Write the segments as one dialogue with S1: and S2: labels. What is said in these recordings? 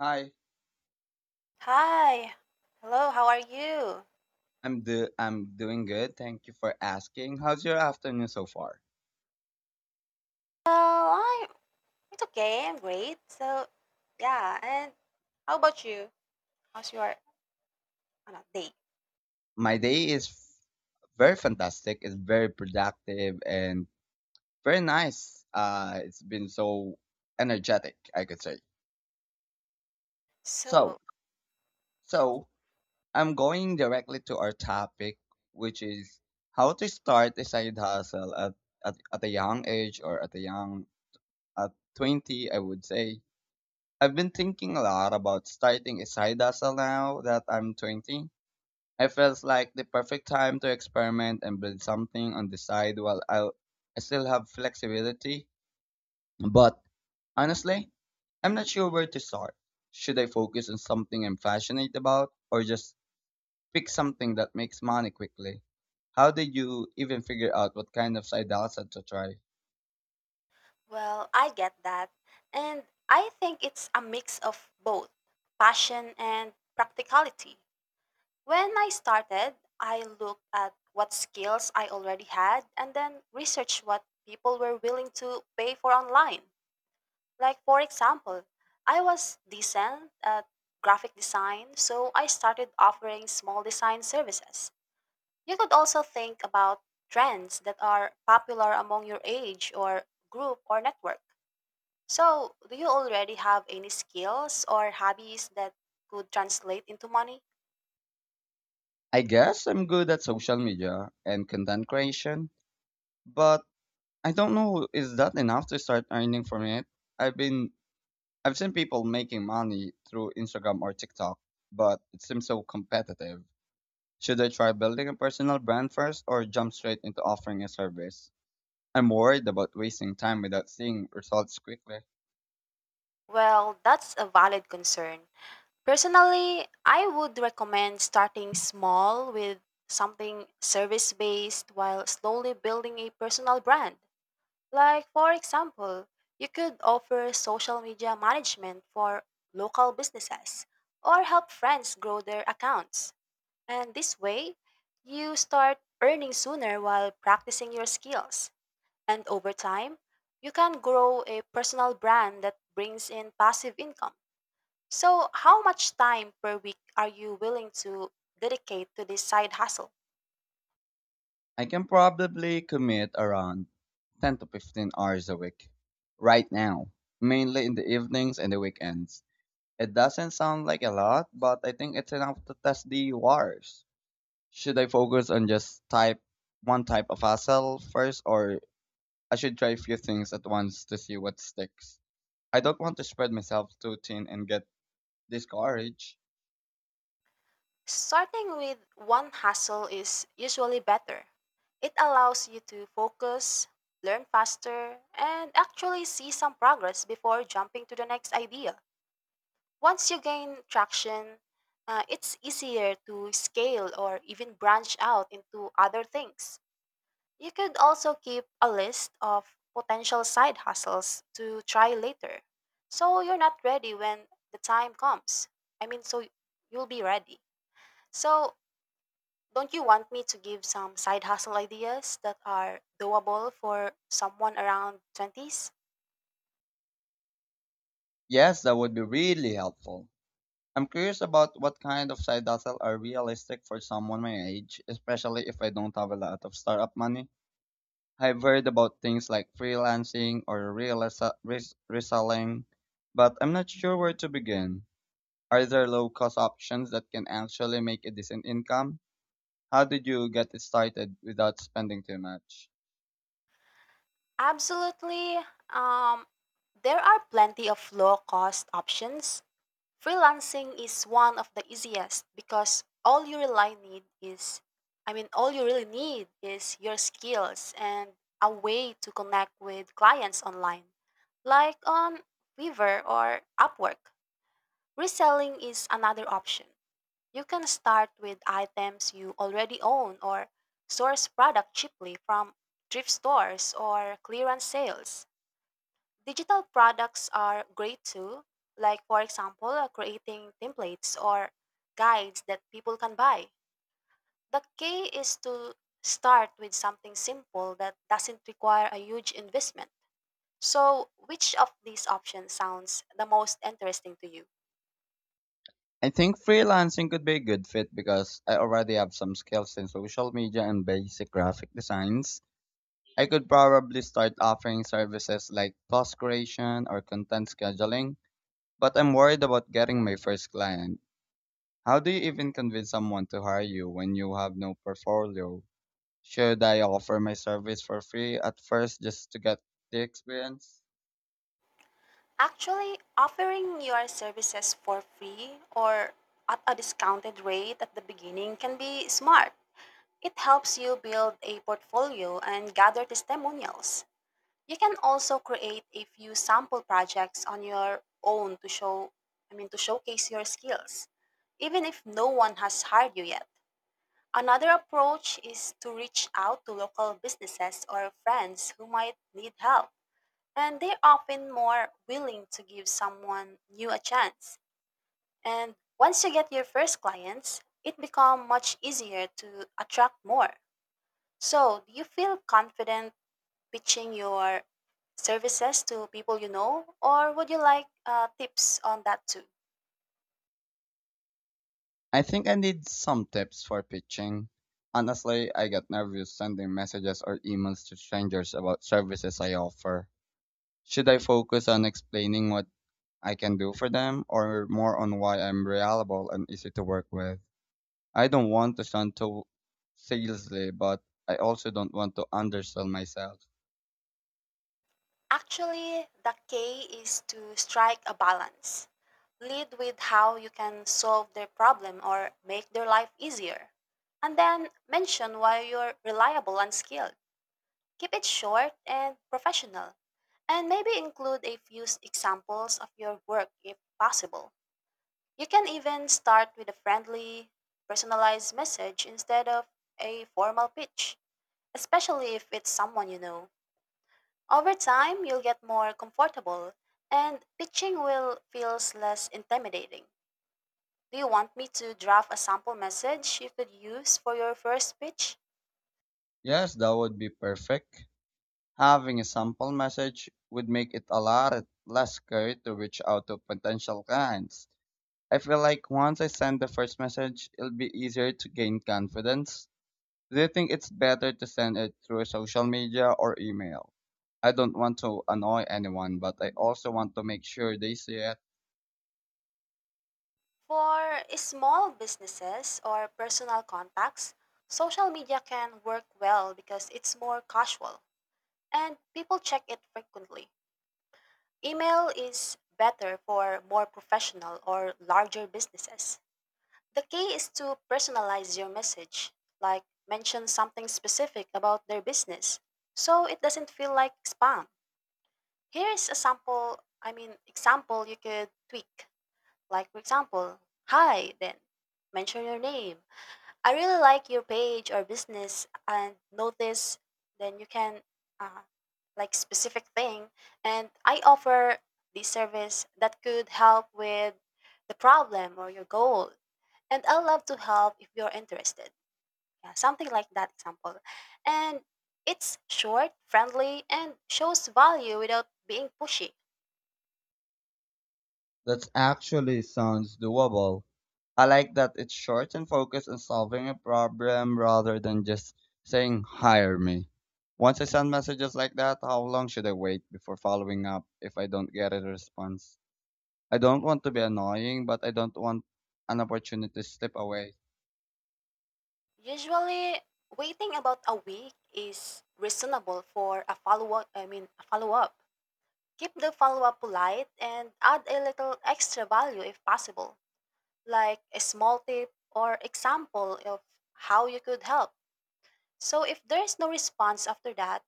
S1: Hi,
S2: Hi. Hello, how are you?
S1: I'm doing good. Thank you for asking. How's your afternoon so far?
S2: Well, I'm it's okay. I'm great. So, yeah, and how about you? How's your, oh, no, day?
S1: My day is very fantastic. It's very productive and very nice. It's been so energetic, I could say.
S2: So,
S1: So, so, I'm going directly to our topic, which is how to start a side hustle at at a young age or at a young at 20, I would say. I've been thinking a lot about starting a side hustle now that I'm 20. It feels like the perfect time to experiment and build something on the side while I still have flexibility. But honestly, I'm not sure where to start. Should I focus on something I'm passionate about or just pick something that makes money quickly? How did you even figure out what kind of side hustle to try?
S2: well, I get that. And I think it's a mix of both passion and practicality. When I started, I looked at what skills I already had and then researched what people were willing to pay for online. Like, for example, I was decent at graphic design, so I started offering small design services. You could also think about trends that are popular among your age or group or network. So, do you already have any skills or hobbies that could translate into money?
S1: I guess I'm good at social media and content creation, but I don't know, is that enough to start earning from it? I've been I've seen people making money through Instagram or TikTok, but it seems so competitive. Should I try building a personal brand first or jump straight into offering a service? I'm worried about wasting time without seeing results quickly.
S2: Well, that's a valid concern. Personally, I would recommend starting small with something service based while slowly building a personal brand. Like, for example, you could offer social media management for local businesses or help friends grow their accounts. And this way, you start earning sooner while practicing your skills. And over time, you can grow a personal brand that brings in passive income. So, how much time per week are you willing to dedicate to this side hustle?
S1: I can probably commit around 10 to 15 hours a week right now, mainly in the evenings and the weekends. It doesn't sound like a lot, but I think it's enough to test the waters. Should I focus on just type one type of hustle first, or I should try a few things at once to see what sticks? I don't want to spread myself too thin and get discouraged.
S2: Starting with one hustle is usually better. It allows you to focus, learn faster, and actually see some progress before jumping to the next idea. Once you gain traction, it's easier to scale or even branch out into other things. You could also keep a list of potential side hustles to try later. So you're not ready when the time comes. I mean, so you'll be ready. So, don't you want me to give some side hustle ideas that are doable for someone around 20s?
S1: Yes, that would be really helpful. I'm curious about what kind of side hustle are realistic for someone my age, especially if I don't have a lot of startup money. I've heard about things like freelancing or reselling, but I'm not sure where to begin. Are there low cost options that can actually make a decent income? How did you get it started without spending too much?
S2: Absolutely. Um, there are plenty of low cost options. Freelancing is one of the easiest because all you really need is, I mean, all you really need is your skills and a way to connect with clients online, like on Fiverr or Upwork. Reselling is another option. You can start with items you already own or source product cheaply from thrift stores or clearance sales. Digital products are great too, like for example, creating templates or guides that people can buy. The key is to start with something simple that doesn't require a huge investment. So, which of these options sounds the most interesting to you?
S1: I think freelancing could be a good fit because I already have some skills in social media and basic graphic designs. I could probably start offering services like post creation or content scheduling, but I'm worried about getting my first client. How do you even convince someone to hire you when you have no portfolio? Should I offer my service for free at first just to get the experience?
S2: Actually, offering your services for free or at a discounted rate at the beginning can be smart. It helps you build a portfolio and gather testimonials. You can also create a few sample projects on your own to show, I mean, to showcase your skills, even if no one has hired you yet. Another approach is to reach out to local businesses or friends who might need help, and they're often more willing to give someone new a chance. And once you get your first clients, it becomes much easier to attract more. So, do you feel confident pitching your services to people you know, or would you like tips on that too?
S1: I think I need some tips for pitching. Honestly, I get nervous sending messages or emails to strangers about services I offer. Should I focus on explaining what I can do for them, or more on why I'm reliable and easy to work with? I don't want to sound too salesy, but I also don't want to undersell myself.
S2: Actually, the key is to strike a balance. Lead with how you can solve their problem or make their life easier. And then mention why you're reliable and skilled. Keep it short and professional, and maybe include a few examples of your work if possible. You can even start with a friendly, personalized message instead of a formal pitch, especially if it's someone you know. Over time, you'll get more comfortable, and pitching will feels less intimidating. Do you want me to draft a sample message you could use for your first pitch?
S1: Yes, that would be perfect. Having a sample message would make it a lot less scary to reach out to potential clients. I feel like once I send the first message, it'll be easier to gain confidence. Do you think it's better to send it through social media or email? I don't want to annoy anyone, but I also want to make sure they see it.
S2: For small businesses or personal contacts, social media can work well because it's more casual and people check it frequently. Email is better for more professional or larger businesses. The key is to personalize your message, like mention something specific about their business so it doesn't feel like spam. Here is a sample, I mean, example you could tweak. Like, for example: hi, then mention your name, I really like your page or business and notice, then you can, uh, like specific thing, and I offer this service that could help with the problem or your goal, and I love to help if you're interested. Yeah, something like that example. And it's short, friendly, and shows value without being pushy.
S1: That actually sounds doable. I like that it's short and focused on solving a problem rather than just saying, "Hire me." Once I send messages like that, how long should I wait before following up if I don't get a response? I don't want to be annoying, but I don't want an opportunity to slip away.
S2: Usually waiting about a week is reasonable for a follow up, I mean, a follow up. Keep the follow up polite and add a little extra value if possible, like a small tip or example of how you could help. So if there is no response after that,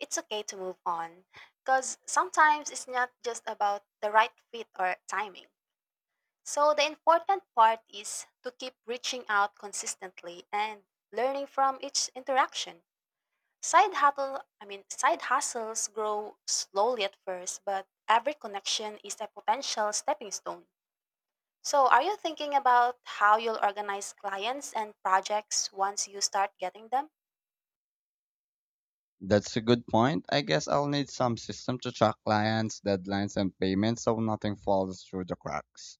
S2: it's okay to move on, because sometimes it's not just about the right fit or timing. So the important part is to keep reaching out consistently and learning from each interaction. Side hustle, I mean, side hustles grow slowly at first, but every connection is a potential stepping stone. So, are you thinking about how you'll organize clients and projects once you start getting them?
S1: That's a good point. I guess I'll need some system to track clients, deadlines, and payments so nothing falls through the cracks.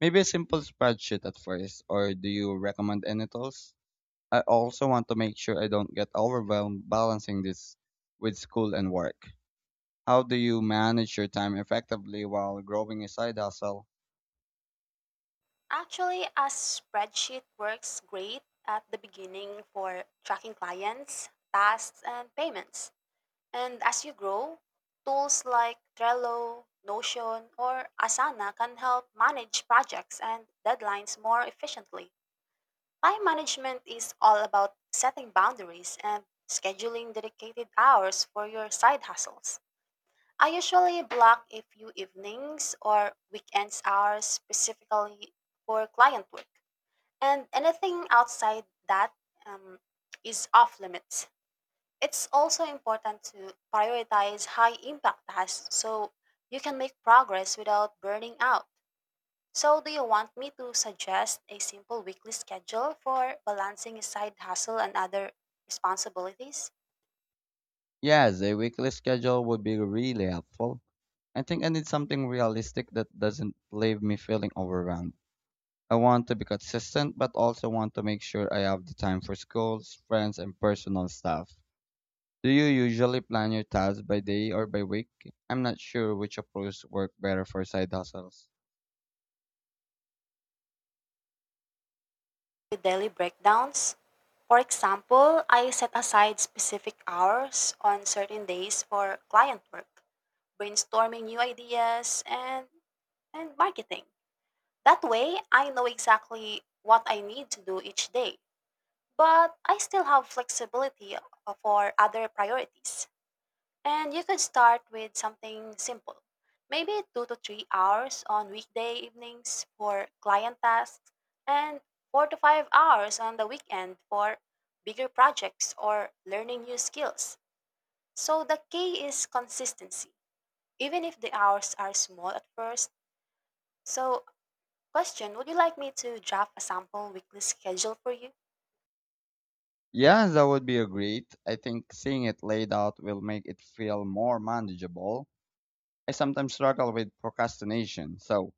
S1: Maybe a simple spreadsheet at first, or do you recommend any tools? I also want to make sure I don't get overwhelmed balancing this with school and work. How do you manage your time effectively while growing a side hustle?
S2: Actually, a spreadsheet works great at the beginning for tracking clients, tasks, and payments. And as you grow, tools like Trello, Notion, or Asana can help manage projects and deadlines more efficiently. Time management is all about setting boundaries and scheduling dedicated hours for your side hustles. I usually block a few evenings or weekends hours specifically for client work, and anything outside that um, is off limits. It's also important to prioritize high impact tasks so you can make progress without burning out. So, do you want me to suggest a simple weekly schedule for balancing side hustle and other responsibilities
S1: Yes, a weekly schedule would be really helpful. I think I need something realistic that doesn't leave me feeling overwhelmed. I want to be consistent, but also want to make sure I have the time for schools, friends, and personal stuff. Do you usually plan your tasks by day or by week? I'm not sure which approach work better for side hustles.
S2: with daily breakdowns? For example, I set aside specific hours on certain days for client work, brainstorming new ideas, and marketing. That way, I know exactly what I need to do each day, but I still have flexibility for other priorities. And you can start with something simple. Maybe 2 to 3 hours on weekday evenings for client tasks and 4 to 5 hours on the weekend for bigger projects or learning new skills. So the key is consistency, even if the hours are small at first. So, question. Would you like me to draft a sample weekly schedule for you?
S1: Yeah, that would be a great. I think seeing it laid out will make it feel more manageable. I sometimes struggle with procrastination, so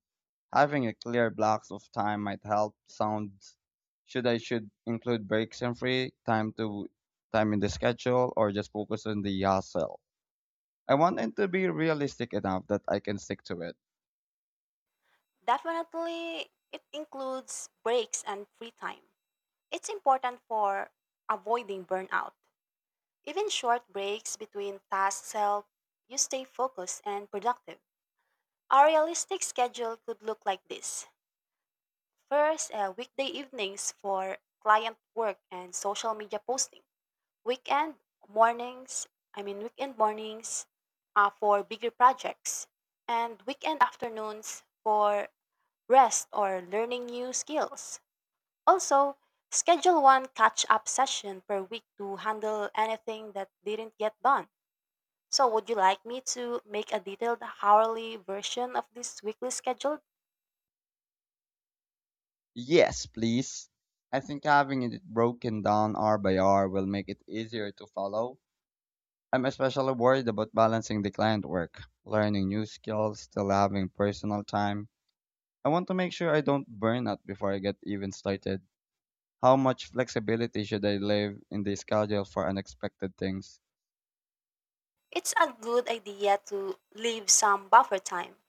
S1: having a clear blocks of time might help. Sounds should I should include breaks and free time to time in the schedule or just focus on the hustle. I want it to be realistic enough that I can stick to it.
S2: Definitely, it includes breaks and free time. It's important for avoiding burnout. Even short breaks between tasks help you stay focused and productive. A realistic schedule could look like this. First, weekday evenings for client work and social media posting. Weekend mornings, I mean, weekend mornings, for bigger projects. And weekend afternoons for rest or learning new skills. Also, schedule one catch-up session per week to handle anything that didn't get done. So, would you like me to make a detailed hourly version of this weekly schedule?
S1: Yes, please. I think having it broken down hour by hour will make it easier to follow. I'm especially worried about balancing the client work, learning new skills, still having personal time. I want to make sure I don't burn out before I get even started. How much flexibility should I leave in the schedule for unexpected things?
S2: It's a good idea to leave some buffer time,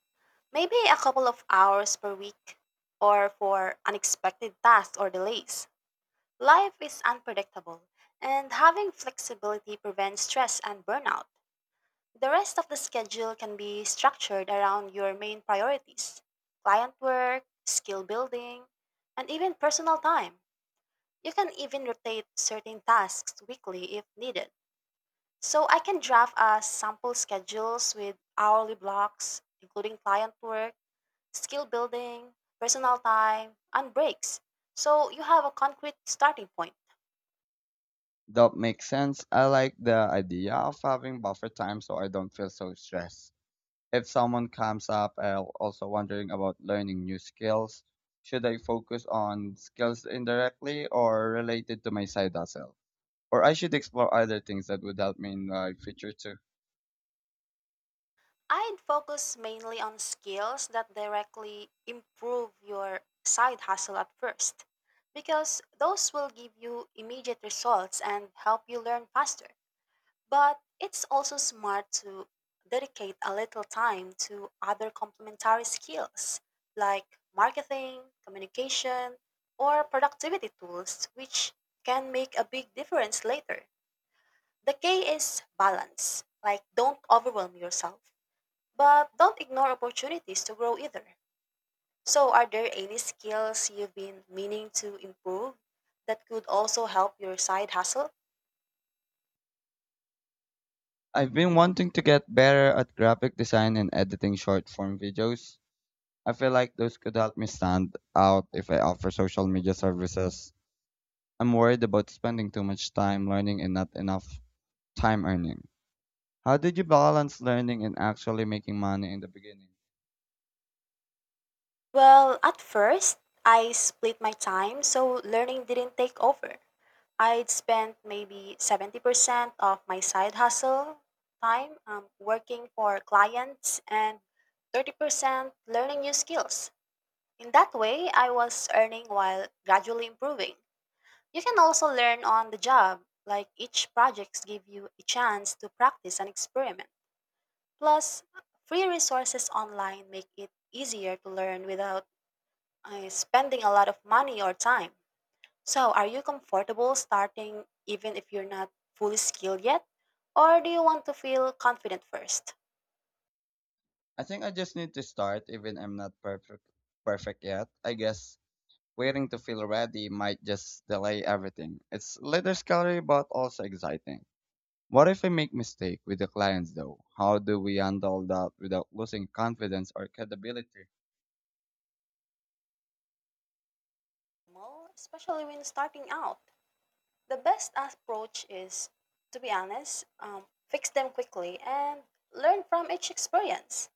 S2: maybe a couple of hours per week, or for unexpected tasks or delays. Life is unpredictable, and having flexibility prevents stress and burnout. The rest of the schedule can be structured around your main priorities: client work, skill building, and even personal time. You can even rotate certain tasks weekly if needed. So I can draft a sample schedules with hourly blocks, including client work, skill building, personal time, and breaks. So you have a concrete starting point.
S1: That makes sense. I like the idea of having buffer time so I don't feel so stressed. If someone comes up, also wondering about learning new skills, should I focus on skills indirectly or related to my side hustle? Or I should explore other things that would help me in my future too.
S2: I'd focus mainly on skills that directly improve your side hustle at first, because those will give you immediate results and help you learn faster. But it's also smart to dedicate a little time to other complementary skills like marketing, communication, or productivity tools, which can make a big difference later. The key is balance, like don't overwhelm yourself, but don't ignore opportunities to grow either. So, are there any skills you've been meaning to improve that could also help your side hustle?
S1: I've been wanting to get better at graphic design and editing short form videos. I feel like those could help me stand out if I offer social media services. I'm worried about spending too much time learning and not enough time earning. How did you balance learning and actually making money in the beginning?
S2: Well, at first, I split my time, so learning didn't take over. I'd spent maybe 70% of my side hustle time working for clients and 30% learning new skills. In that way, I was earning while gradually improving. You can also learn on the job, like each projects give you a chance to practice and experiment. Plus, free resources online make it easier to learn without spending a lot of money or time. So, are you comfortable starting even if you're not fully skilled yet? Or do you want to feel confident first?
S1: I think I just need to start even I'm not perfect yet. I guess waiting to feel ready might just delay everything. It's a little scary but also exciting. What if I make mistake with the clients though? How do we handle that without losing confidence or credibility?
S2: Well, especially when starting out, the best approach is, to be honest, fix them quickly and learn from each experience.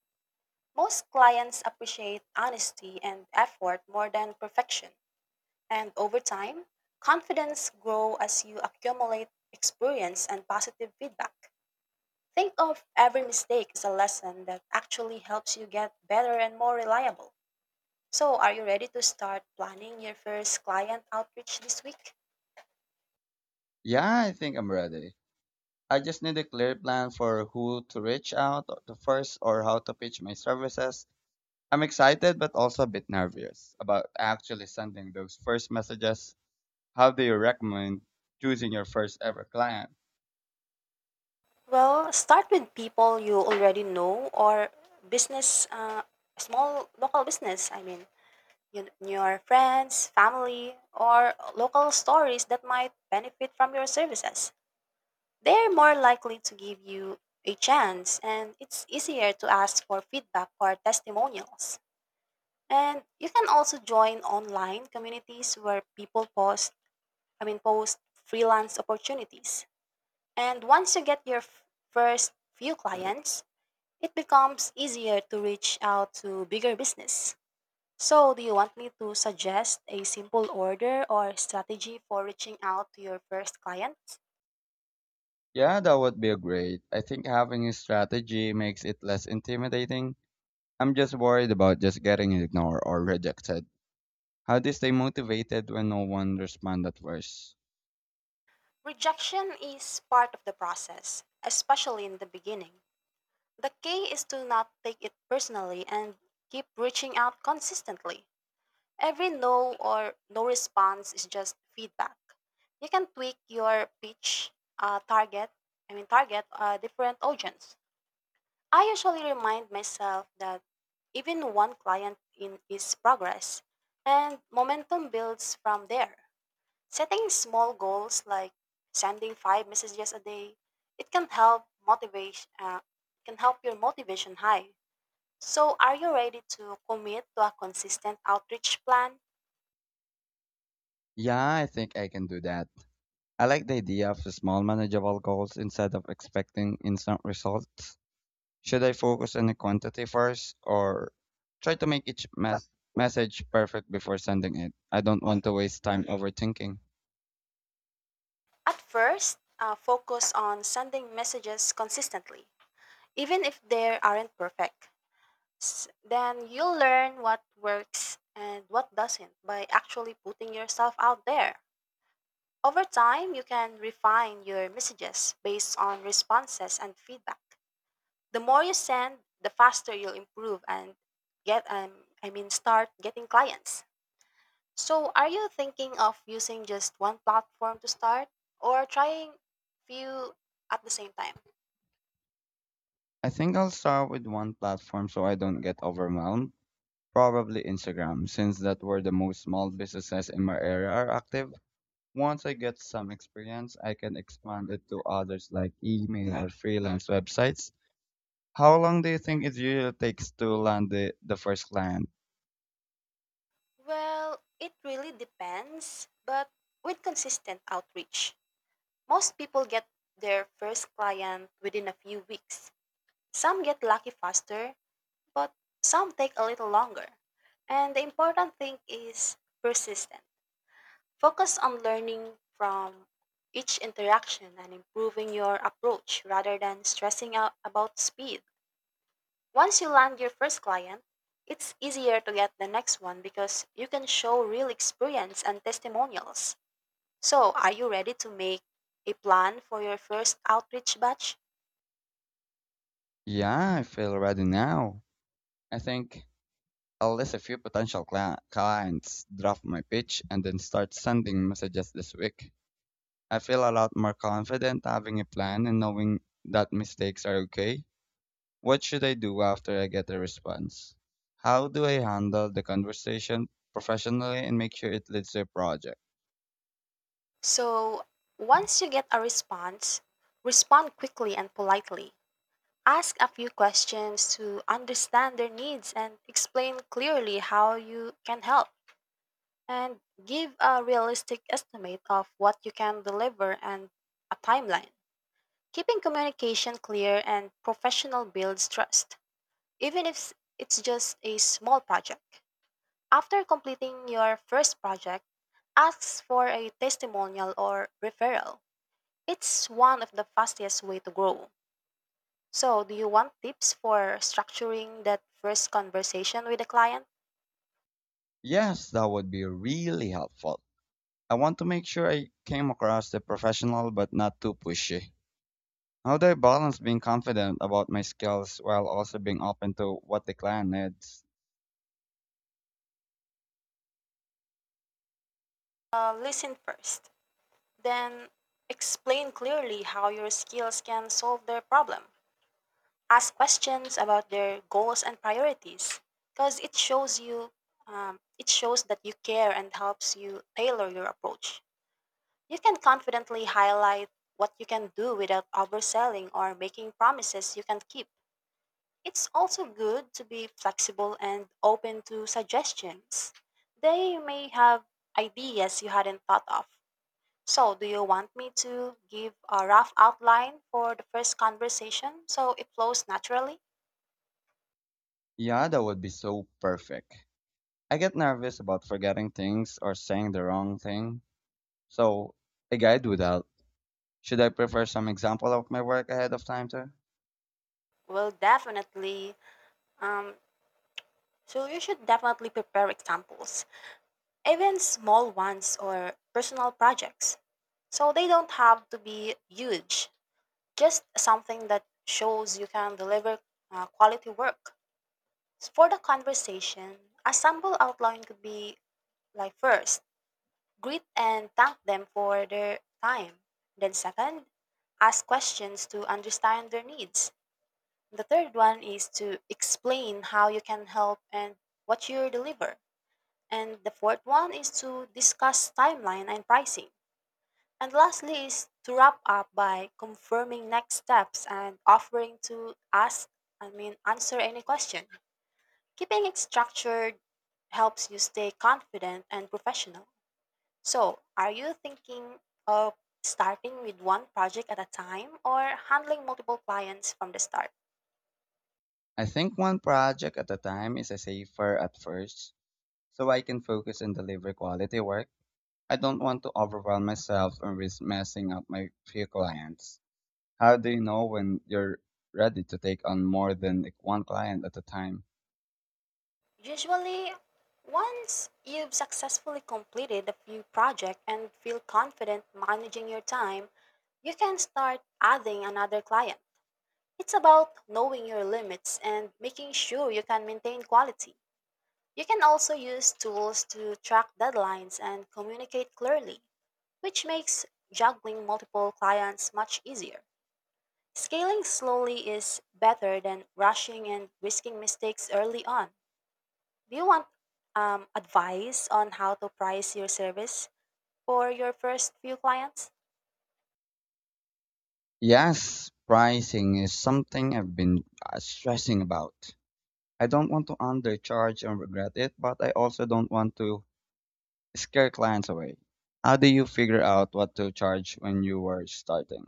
S2: Most clients appreciate honesty and effort more than perfection. And over time, confidence grows as you accumulate experience and positive feedback. Think of every mistake as a lesson that actually helps you get better and more reliable. So, are you ready to start planning your first client outreach this week?
S1: Yeah, I think I'm ready. I just need a clear plan for who to reach out to first or how to pitch my services. I'm excited but also a bit nervous about actually sending those first messages. How do you recommend choosing your first ever client?
S2: Well, start with people you already know, or business, uh, small local business, I mean, you, your friends, family, or local stories that might benefit from your services. They're more likely to give you a chance, and it's easier to ask for feedback or testimonials. And you can also join online communities where people post, post freelance opportunities. And once you get your first few clients, it becomes easier to reach out to bigger business. So, do you want me to suggest a simple order or strategy for reaching out to your first client?
S1: Yeah, that would be great. I think having a strategy makes it less intimidating. I'm just worried about just getting ignored or rejected. How do you stay motivated when no one responds at first?
S2: Rejection is part of the process, especially in the beginning. The key is to not take it personally and keep reaching out consistently. Every no or no response is just feedback. You can tweak your pitch target, target a different audience. I usually remind myself that even one client in is progress, and momentum builds from there. Setting small goals like sending 5 messages a day, it can help motivation, can help your motivation high. So, are you ready to commit to a consistent outreach plan?
S1: Yeah, I think I can do that. I like the idea of small, manageable goals instead of expecting instant results. Should I focus on the quantity first, or try to make each message perfect before sending it? I don't want to waste time overthinking.
S2: At first, focus on sending messages consistently, even if they aren't perfect. Then you'll learn what works and what doesn't by actually putting yourself out there. Over time, you can refine your messages based on responses and feedback. The more you send, the faster you'll improve and get start getting clients. So, are you thinking of using just one platform to start or trying few at the same time?
S1: I think I'll start with one platform so I don't get overwhelmed. Probably Instagram, since that where the most small businesses in my area are active. Once I get some experience, I can expand it to others like email or freelance websites. How long do you think it usually takes to land the first client?
S2: Well, it really depends, but with consistent outreach, most people get their first client within a few weeks. Some get lucky faster, but some take a little longer. And the important thing is persistent. Focus on learning from each interaction and improving your approach rather than stressing out about speed. Once you land your first client, it's easier to get the next one because you can show real experience and testimonials. So, are you ready to make a plan for your first outreach batch?
S1: Yeah, I feel ready now. I think I'll list a few potential clients, draft my pitch, and then start sending messages this week. I feel a lot more confident having a plan and knowing that mistakes are okay. What should I do after I get a response? How do I handle the conversation professionally and make sure it leads to a project?
S2: So, once you get a response, respond quickly and politely. Ask a few questions to understand their needs and explain clearly how you can help. And give a realistic estimate of what you can deliver and a timeline. Keeping communication clear and professional builds trust, even if it's just a small project. After completing your first project, ask for a testimonial or referral. It's one of the fastest way to grow. So, do you want tips for structuring that first conversation with a client?
S1: Yes, that would be really helpful. I want to make sure I came across as professional but not too pushy. How do I balance being confident about my skills while also being open to what the client needs?
S2: Listen first, then explain clearly how your skills can solve their problem. Ask questions about their goals and priorities because it shows you it shows that you care and helps you tailor your approach. You can confidently highlight what you can do without overselling or making promises you can't keep. It's also good to be flexible and open to suggestions. They may have ideas you hadn't thought of. So do you want me to give a rough outline for the first conversation so it flows naturally?
S1: Yeah, that would be so perfect. I get nervous about forgetting things or saying the wrong thing, so a guide would help. Should I prefer some example of my work ahead of time too?
S2: Well, definitely. Um, so you should definitely prepare examples, even small ones or personal projects. So they don't have to be huge, just something that shows you can deliver quality work. For the conversation, a sample outline could be like first, greet and thank them for their time. Then, second, ask questions to understand their needs. The third one is to explain how you can help and what you deliver. And the fourth one is to discuss timeline and pricing. And lastly is to wrap up by confirming next steps and offering to answer any question. Keeping it structured helps you stay confident and professional. So, are you thinking of starting with one project at a time or handling multiple clients from the start?
S1: I think one project at a time is a safer at first, so I can focus and deliver quality work. I don't want to overwhelm myself and risk messing up my few clients. How do you know when you're ready to take on more than like one client at a time?
S2: Usually, once you've successfully completed a few projects and feel confident managing your time, you can start adding another client. It's about knowing your limits and making sure you can maintain quality. You can also use tools to track deadlines and communicate clearly, which makes juggling multiple clients much easier. Scaling slowly is better than rushing and risking mistakes early on. Do you want advice on how to price your service for your first few clients?
S1: Yes, pricing is something I've been stressing about. I don't want to undercharge and regret it, but I also don't want to scare clients away. How do you figure out what to charge when you were starting?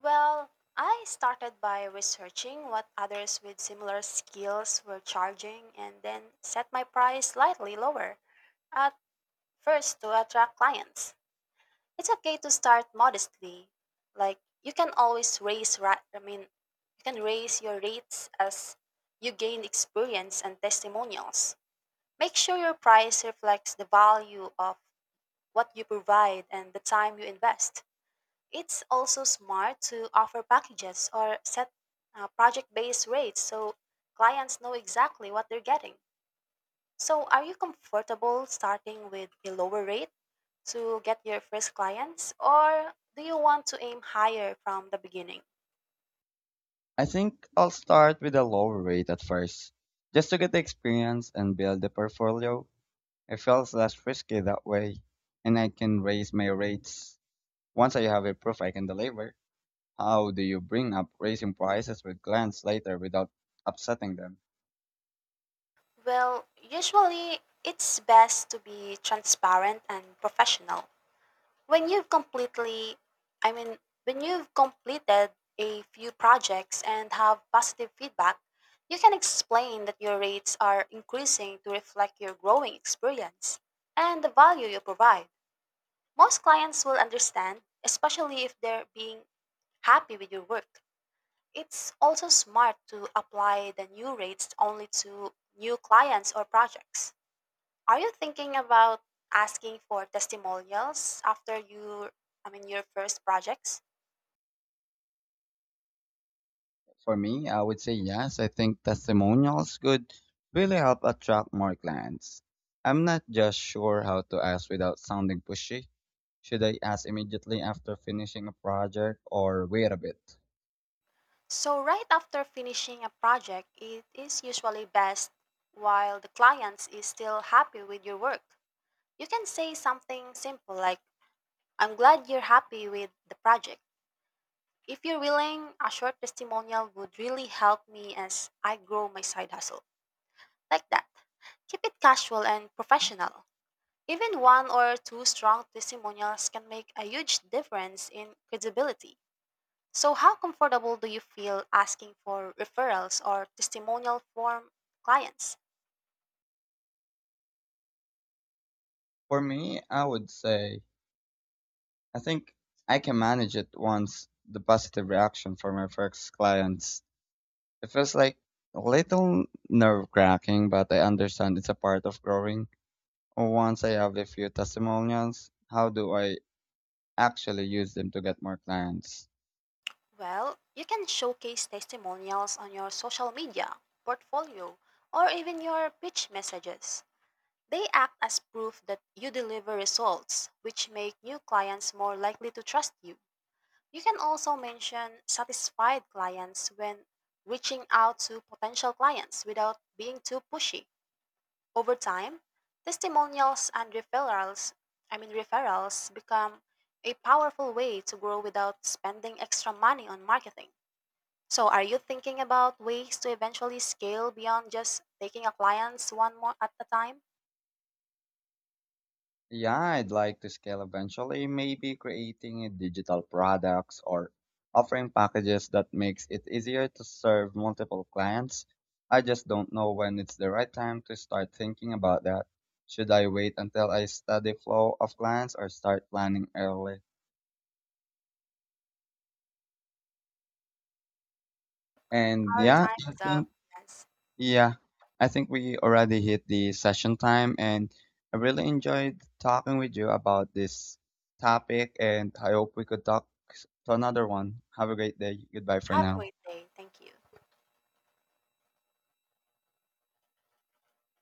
S2: Well, I started by researching what others with similar skills were charging and then set my price slightly lower at first to attract clients. It's okay to start modestly. Like you can always raise ra- I mean you can raise your rates as you gain experience and testimonials. Make sure your price reflects the value of what you provide, and the time you invest. It's also smart to offer packages or set project based rates so clients know exactly what they're getting. So, are you comfortable starting with a lower rate to get your first clients, or do you want to aim higher from the beginning?
S1: I think I'll start with a lower rate at first, just to get the experience and build the portfolio. It feels less risky that way, and I can raise my rates once I have a proof I can deliver. How do you bring up raising prices with clients later without upsetting them?
S2: Well, usually it's best to be transparent and professional. When you've completely, I mean, when you've completed a few projects and have positive feedback, you can explain that your rates are increasing to reflect your growing experience and the value you provide. Most clients will understand, especially if they're being happy with your work. It's also smart to apply the new rates only to new clients or projects. Are you thinking about asking for testimonials after your first projects?
S1: For me, I would say yes. I think testimonials could really help attract more clients. I'm not just sure how to ask without sounding pushy. Should I ask immediately after finishing a project or wait a bit?
S2: So right after finishing a project, it is usually best while the clients is still happy with your work. You can say something simple like I'm glad you're happy with the project. If you're willing, a short testimonial would really help me as I grow my side hustle. Like that. Keep it casual and professional. Even one or two strong testimonials can make a huge difference in credibility. So, how comfortable do you feel asking for referrals or testimonial from clients?
S1: For me, I would say I think I can manage it once the positive reaction from my first clients. It feels like a little nerve cracking, but I understand it's a part of growing. Once I have a few testimonials, how do I actually use them to get more clients?
S2: Well, you can showcase testimonials on your social media, portfolio, or even your pitch messages. They act as proof that you deliver results, which make new clients more likely to trust you. You can also mention satisfied clients when reaching out to potential clients without being too pushy. Over time, testimonials and referrals, I mean referrals become a powerful way to grow without spending extra money on marketing. So are you thinking about ways to eventually scale beyond just taking a clients one more at a time?
S1: Yeah, I'd like to scale eventually, maybe creating a digital products or offering packages that makes it easier to serve multiple clients. I just don't know when it's the right time to start thinking about that. Should I wait until I study flow of clients or start planning early? And
S2: Our
S1: yeah,
S2: time
S1: I
S2: is up.
S1: think.
S2: Yes.
S1: Yeah, I think we already hit the session time, and I really enjoyed talking with you about this topic. And I hope we could talk to another one. Have a great day. Goodbye for
S2: Have a
S1: now.
S2: great day. Thank you.